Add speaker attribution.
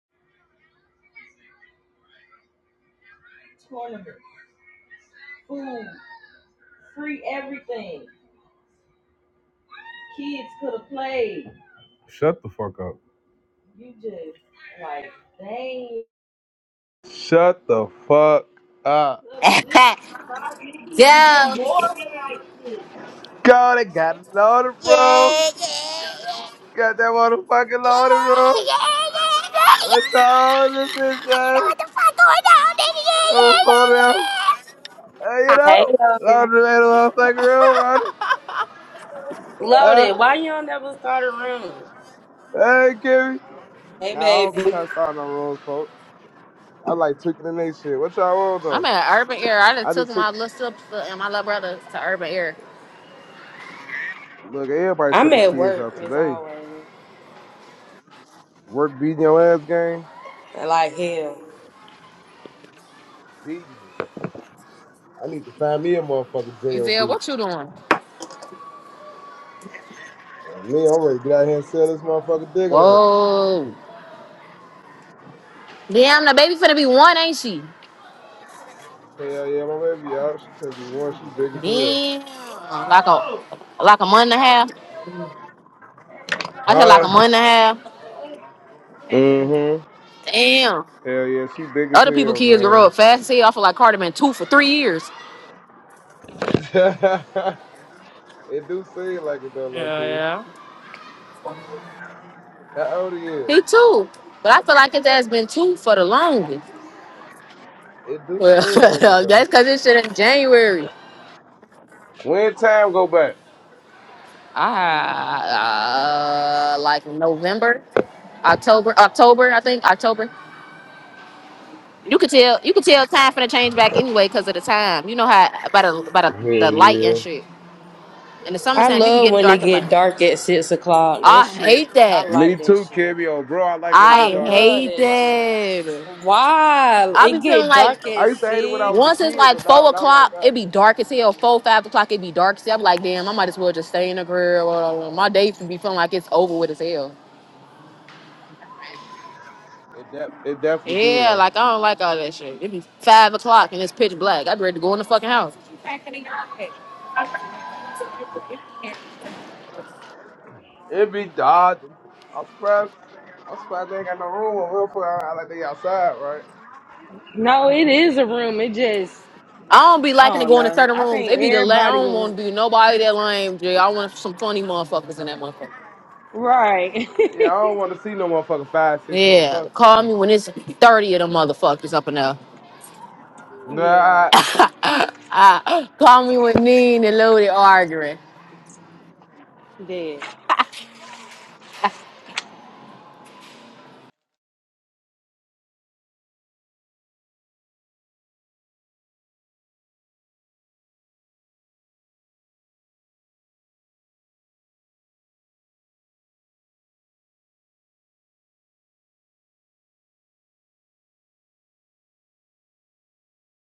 Speaker 1: Shut the fuck up. Shut the fuck up.
Speaker 2: Go. Yeah. Yeah,
Speaker 1: God, it got it loaded, bro.
Speaker 2: yeah, yeah, yeah, yeah,
Speaker 1: Got that motherfucking
Speaker 2: yeah.
Speaker 1: loaded, bro. What's all this bitch,
Speaker 2: You know
Speaker 1: man?
Speaker 2: what the fuck going down, nigga? Yeah,
Speaker 1: Oh,
Speaker 2: yeah,
Speaker 1: for real.
Speaker 2: yeah,
Speaker 1: Hey, you know?
Speaker 3: Hey, Loaded.
Speaker 1: Loaded made a motherfucking real runner. Uh,
Speaker 3: Loaded, why you don't never start a room?
Speaker 1: hey, Kimmy.
Speaker 3: Hey,
Speaker 1: Nah, I don't be trying
Speaker 3: baby.
Speaker 1: to start no rules, folks. I like tweaking in they shit. What y'all want,
Speaker 2: yeah. I'm
Speaker 1: though?
Speaker 2: at Urban Air. I just
Speaker 1: I
Speaker 2: took
Speaker 1: just sit.
Speaker 2: my little sister and my little brother to Urban Air.
Speaker 1: Look, everybody took
Speaker 3: I'm
Speaker 1: the
Speaker 3: at
Speaker 1: kids
Speaker 3: work,
Speaker 1: out
Speaker 3: as
Speaker 1: today.
Speaker 3: always.
Speaker 1: Work beating your ass gang.
Speaker 3: Like hell.
Speaker 1: Beating you. I need to find me a motherfucking
Speaker 2: Ezell,
Speaker 1: JOB.
Speaker 2: what you doing?
Speaker 1: Oh, me, I'm ready to get out here and sell this motherfucker digger
Speaker 2: Whoa. Damn, the baby finna be one, ain't she?
Speaker 1: Hell yeah, my baby out. She finna be one. She big as hell.
Speaker 2: Damn. Like a like a month and a half. I said like a
Speaker 1: Huh?
Speaker 2: month and a half.
Speaker 1: Mm-hmm.
Speaker 2: Damn.
Speaker 1: Hell yeah, she big as
Speaker 2: Other people
Speaker 1: hell,
Speaker 2: kids grow
Speaker 1: man.
Speaker 2: up fast as hell. I feel like Carter been two for three years.
Speaker 1: it do seem like it though, Loki. How old he is?
Speaker 2: He too. But I feel like his ass been two for the longest.
Speaker 1: It do
Speaker 2: Well,
Speaker 1: seem like it
Speaker 2: that's
Speaker 1: though.
Speaker 2: because this shit in January.
Speaker 1: When time go back?
Speaker 2: Ah, uh, like November, October, October, I think October. You could tell, you could tell time for the change back anyway because of the time. You know how about a, about a,
Speaker 1: Hell
Speaker 2: the light and
Speaker 1: yeah.
Speaker 2: shit. In the
Speaker 3: I
Speaker 2: summertime, you be
Speaker 3: love
Speaker 2: getting
Speaker 3: when it
Speaker 2: dark and light.
Speaker 3: get dark at 6 o'clock. That
Speaker 2: I
Speaker 3: shit.
Speaker 2: hate
Speaker 3: I
Speaker 2: that.
Speaker 1: Me
Speaker 3: like that
Speaker 1: too,
Speaker 3: shit.
Speaker 1: Kimmy. Oh, bro, I like when it
Speaker 3: I
Speaker 1: get
Speaker 2: I
Speaker 1: dark at
Speaker 3: love
Speaker 1: six
Speaker 2: hate
Speaker 3: that
Speaker 1: o'clock.
Speaker 3: shit.
Speaker 2: that.
Speaker 3: Why?
Speaker 2: I be
Speaker 3: It
Speaker 2: feeling
Speaker 3: get
Speaker 2: like
Speaker 3: dark
Speaker 1: I
Speaker 3: at
Speaker 1: used to hate it when I was a
Speaker 2: Once
Speaker 3: 6?
Speaker 2: it's
Speaker 1: kid,
Speaker 2: like
Speaker 1: but nah,
Speaker 2: four
Speaker 1: not right
Speaker 2: o'clock, it
Speaker 1: now.
Speaker 2: be dark as hell. Four, five o'clock, it be dark. as hell. I'm like, damn, I might as well just stay in the grill. Or my day be feeling like it's over with as hell.
Speaker 1: It de- it definitely do
Speaker 2: Yeah,
Speaker 1: though.
Speaker 2: like I don't like all that shit. It be five o'clock and it's pitch black. I'd ready to go in the fucking house. I
Speaker 1: It be dodging. I'm surprised. I'm surprised they ain't got no room over here for I like they outside, right?
Speaker 3: No, it is a room. It just,
Speaker 2: don't be
Speaker 3: I
Speaker 2: liking to
Speaker 3: don't
Speaker 2: go into
Speaker 3: know.
Speaker 2: certain
Speaker 3: I
Speaker 2: rooms.
Speaker 3: think
Speaker 2: It be the la-
Speaker 3: everybody
Speaker 2: I don't
Speaker 3: was,
Speaker 2: want to be nobody that lame. Jay. I want some funny motherfuckers in that motherfucker.
Speaker 3: right.
Speaker 1: Yeah, I don't want to see no motherfucker five, six
Speaker 2: Yeah,
Speaker 1: motherfuckers,
Speaker 2: call
Speaker 1: man.
Speaker 2: me when it's thirty of them motherfuckers up in there.
Speaker 3: yeah,
Speaker 1: Nah,
Speaker 2: I, call me when mean and loaded arguing.
Speaker 3: dead.